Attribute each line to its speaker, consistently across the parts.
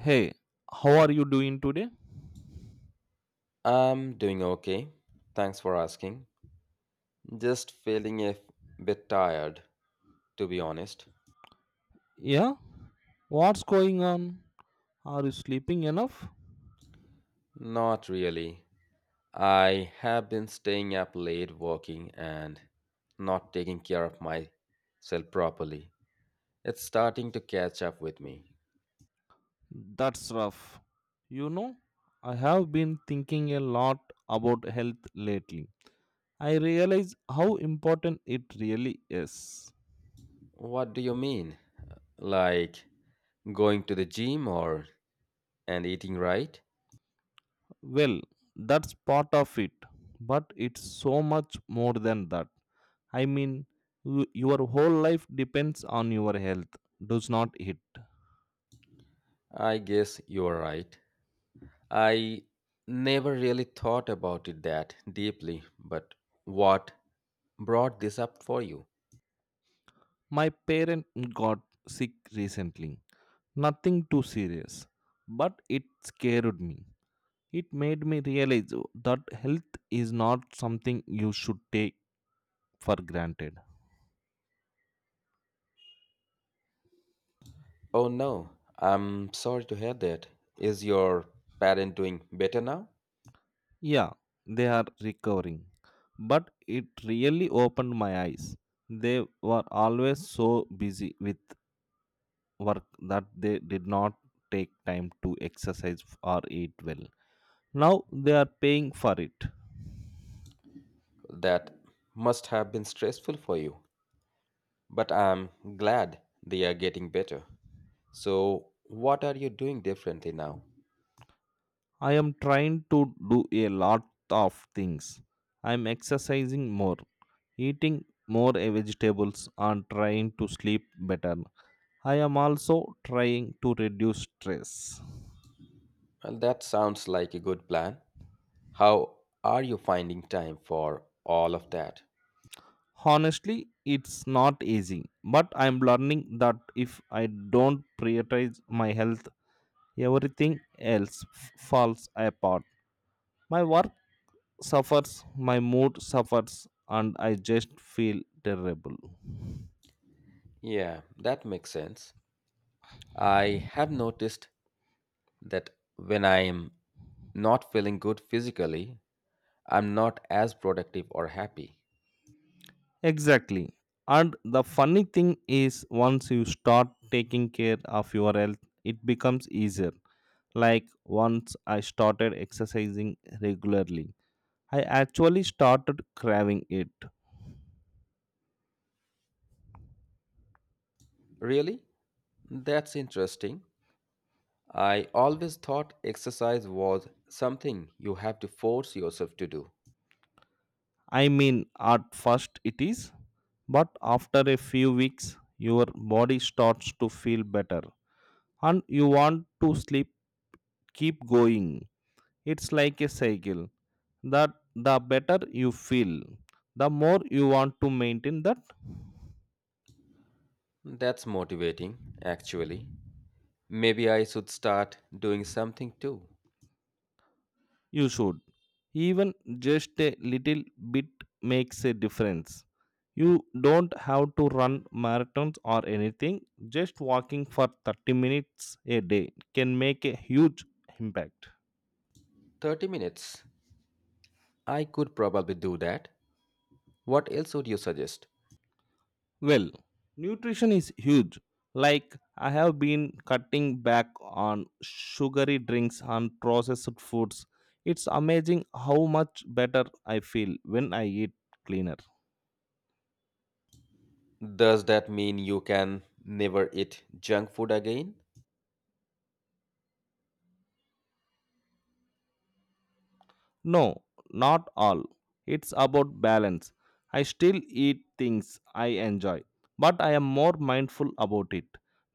Speaker 1: Hey, how are you doing today?
Speaker 2: I'm doing okay. Thanks for asking. Just feeling a bit tired, to be honest.
Speaker 1: Yeah, what's going on? Are you sleeping enough?
Speaker 2: Not really. I have been staying up late working and not taking care of myself properly. It's starting to catch up with me.
Speaker 1: That's rough. You know, I have been thinking a lot about health lately. I realize how important it really is.
Speaker 2: What do you mean? Like going to the gym or and eating right?
Speaker 1: Well, that's part of it, but it's so much more than that. I mean, your whole life depends on your health, does not it?
Speaker 2: I guess you're right. I never really thought about it that deeply, but what brought this up for you.
Speaker 1: My parent got sick recently. Nothing too serious, but it scared me. It made me realize that health is not something you should take for granted.
Speaker 2: Oh no, I'm sorry to hear that. Is your parent doing better now?
Speaker 1: Yeah, they are recovering, but it really opened my eyes. They were always so busy with work that they did not take time to exercise or eat well. Now they are paying for it.
Speaker 2: That must have been stressful for you, but I'm glad they are getting better. So, what are you doing differently now?
Speaker 1: I am trying to do a lot of things. I am exercising more, eating more vegetables, and trying to sleep better. I am also trying to reduce stress.
Speaker 2: Well, that sounds like a good plan. How are you finding time for all of that?
Speaker 1: Honestly, it's not easy, but I'm learning that if I don't prioritize my health, everything else falls apart. My work suffers, my mood suffers, and I just feel terrible.
Speaker 2: Yeah, that makes sense. I have noticed that when I am not feeling good physically, I'm not as productive or happy.
Speaker 1: Exactly. And the funny thing is, once you start taking care of your health, it becomes easier. Like once I started exercising regularly, I actually started craving it.
Speaker 2: Really? That's interesting. I always thought exercise was something you have to force yourself to do.
Speaker 1: I mean, at first it is, but after a few weeks, your body starts to feel better and you want to sleep, keep going. It's like a cycle that the better you feel, the more you want to maintain that.
Speaker 2: That's motivating, actually. Maybe I should start doing something too.
Speaker 1: You should. Even just a little bit makes a difference. You don't have to run marathons or anything, just walking for 30 minutes a day can make a huge impact.
Speaker 2: 30 minutes. I could probably do that. What else would you suggest?
Speaker 1: Well, nutrition is huge. Like, I have been cutting back on sugary drinks and processed foods. It's amazing how much better I feel when I eat cleaner.
Speaker 2: Does that mean you can never eat junk food again?
Speaker 1: No, not all. It's about balance. I still eat things I enjoy, but I am more mindful about it.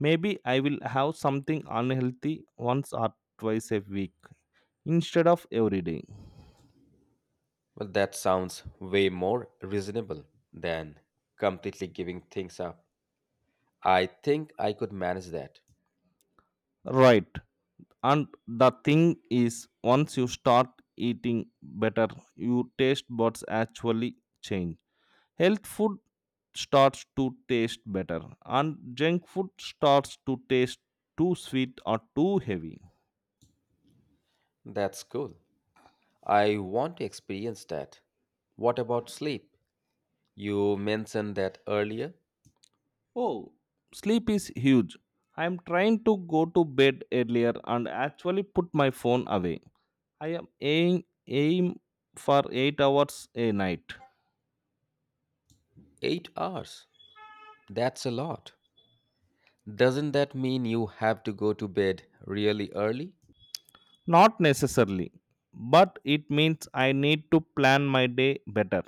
Speaker 1: Maybe I will have something unhealthy once or twice a week instead of every day.
Speaker 2: Well, that sounds way more reasonable than completely giving things up. I think I could manage that.
Speaker 1: Right. And the thing is, once you start eating better, your taste buds actually change. Health food starts to taste better, and junk food starts to taste too sweet or too heavy.
Speaker 2: That's cool. I want to experience that. What about sleep? You mentioned that earlier.
Speaker 1: Oh, sleep is huge. I'm trying to go to bed earlier and actually put my phone away. I am aim for 8 hours a night.
Speaker 2: 8 hours. That's a lot. Doesn't that mean you have to go to bed really early?
Speaker 1: Not necessarily, but it means I need to plan my day better.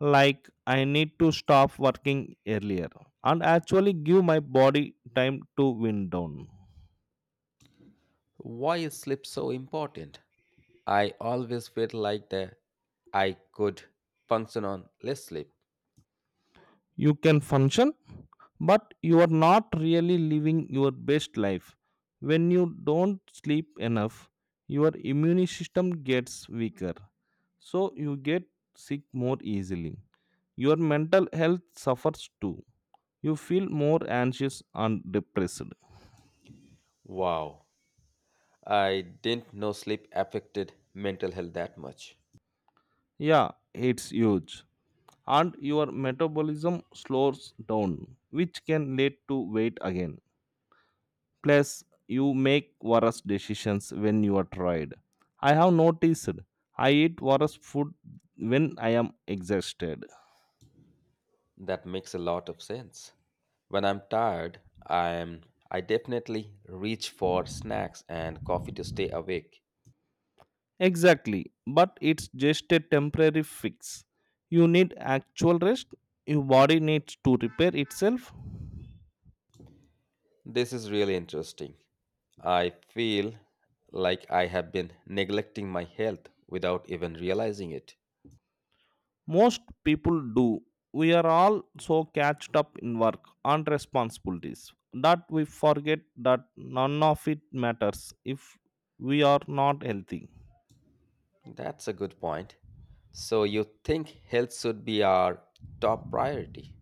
Speaker 1: Like I need to stop working earlier and actually give my body time to wind down.
Speaker 2: Why is sleep so important? I always felt like that I could function on less sleep.
Speaker 1: You can function, but you are not really living your best life when you don't sleep enough. Your immune system gets weaker, so you get sick more easily. Your mental health suffers too. You feel more anxious and depressed.
Speaker 2: Wow. I didn't know sleep affected mental health that much.
Speaker 1: Yeah, it's huge. And your metabolism slows down, which can lead to weight again. Plus, you make worse decisions when you are tired. I have noticed I eat worse food when I am exhausted.
Speaker 2: That makes a lot of sense. When I'm tired, I'm, I definitely reach for snacks and coffee to stay awake.
Speaker 1: Exactly, but it's just a temporary fix. You need actual rest. Your body needs to repair itself.
Speaker 2: This is really interesting. I feel like I have been neglecting my health without even realizing it.
Speaker 1: Most people do. We are all so catched up in work and responsibilities that we forget that none of it matters if we are not healthy.
Speaker 2: That's a good point. So you think health should be our top priority?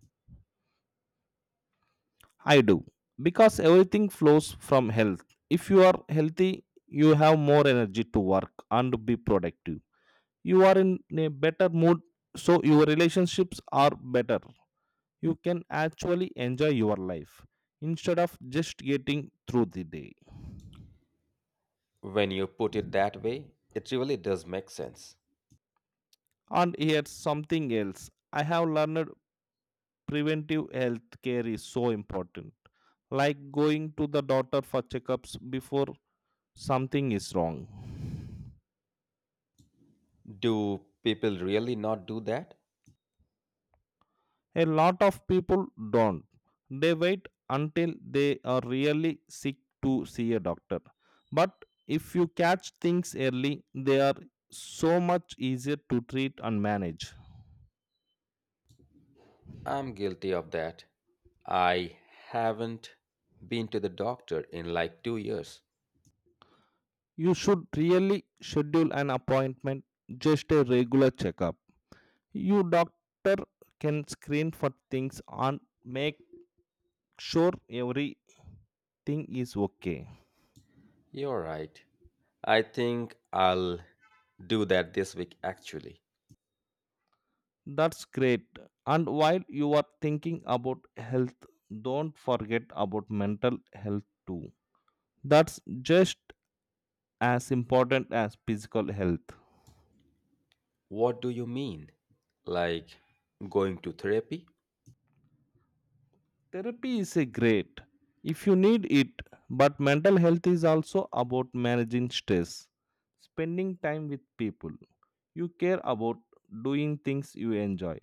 Speaker 1: I do, because everything flows from health. If you are healthy, you have more energy to work and be productive. You are in a better mood, so your relationships are better. You can actually enjoy your life instead of just getting through the day.
Speaker 2: When you put it that way, it really does make sense.
Speaker 1: And here's something else I have learned: preventive health care is so important, like going to the doctor for checkups before something is wrong.
Speaker 2: Do people really not do that?
Speaker 1: A lot of people don't. They wait until they are really sick to see a doctor. But if you catch things early, they are so much easier to treat and manage.
Speaker 2: I'm guilty of that. I haven't been to the doctor in like 2 years.
Speaker 1: You should really schedule an appointment, just a regular checkup. You doctor can screen for things and make sure everything is okay.
Speaker 2: You're right. I think I'll do that this week actually.
Speaker 1: That's great. And while you are thinking about health, don't forget about mental health too. That's just as important as physical health.
Speaker 2: What do you mean? Like going to therapy?
Speaker 1: Therapy is a great if you need it, but mental health is also about managing stress, spending time with people you care about, doing things you enjoy,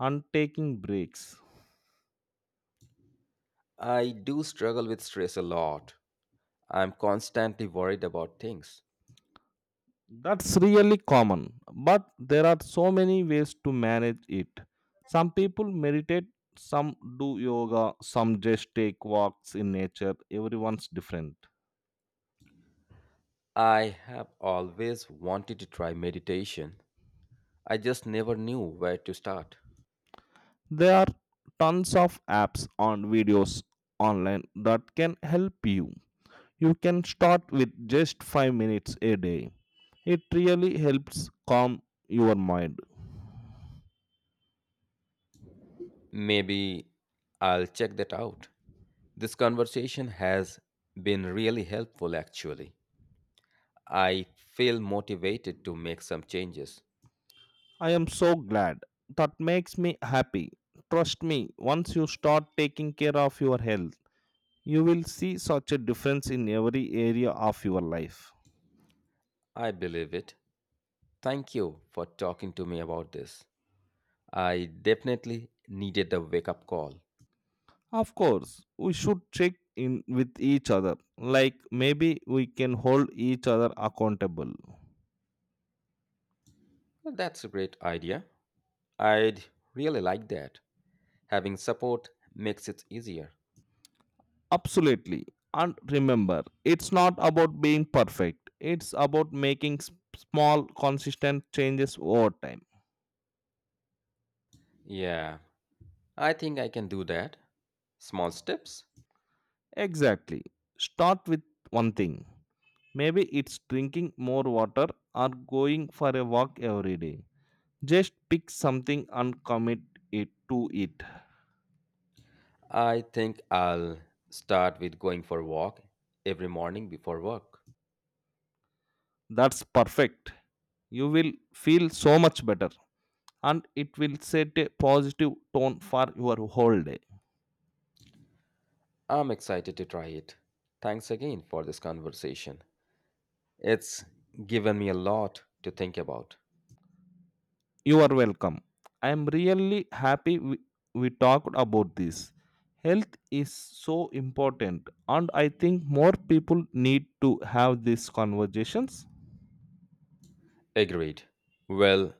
Speaker 1: and taking breaks.
Speaker 2: I do struggle with stress a lot. I'm constantly worried about things.
Speaker 1: That's really common, but there are so many ways to manage it. Some people meditate, some do yoga, some just take walks in nature. Everyone's different.
Speaker 2: I have always wanted to try meditation. I just never knew where to start.
Speaker 1: There are tons of apps and videos online that can help you. You can start with just 5 minutes a day. It really helps calm your mind.
Speaker 2: Maybe I'll check that out. This conversation has been really helpful, actually. I feel motivated to make some changes.
Speaker 1: I am so glad. That makes me happy. Trust me, once you start taking care of your health, you will see such a difference in every area of your life.
Speaker 2: I believe it. Thank you for talking to me about this. I definitely needed a wake up call.
Speaker 1: Of course, we should check in with each other. Like maybe we can hold each other accountable.
Speaker 2: Well, that's a great idea. I'd really like that. Having support makes it easier.
Speaker 1: Absolutely. And remember, it's not about being perfect, it's about making small, consistent changes over time.
Speaker 2: Yeah, I think I can do that. Small steps.
Speaker 1: Exactly. Start with one thing. Maybe it's drinking more water or going for a walk every day. Just pick something and commit it to it.
Speaker 2: I think I'll start with going for a walk every morning before work.
Speaker 1: That's perfect. You will feel so much better and it will set a positive tone for your whole day.
Speaker 2: I'm excited to try it. Thanks again for this conversation. It's given me a lot to think about.
Speaker 1: You are welcome. I am really happy we talked about this. Health is so important and I think more people need to have these conversations.
Speaker 2: Agreed. Well,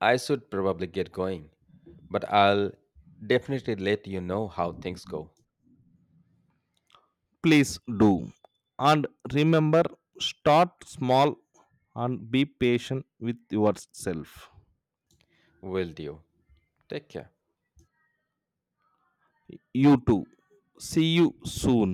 Speaker 2: I should probably get going, but I'll definitely let you know how things go.
Speaker 1: Please do. And remember, start small and be patient with yourself.
Speaker 2: Will do. Take care.
Speaker 1: You too. See you soon.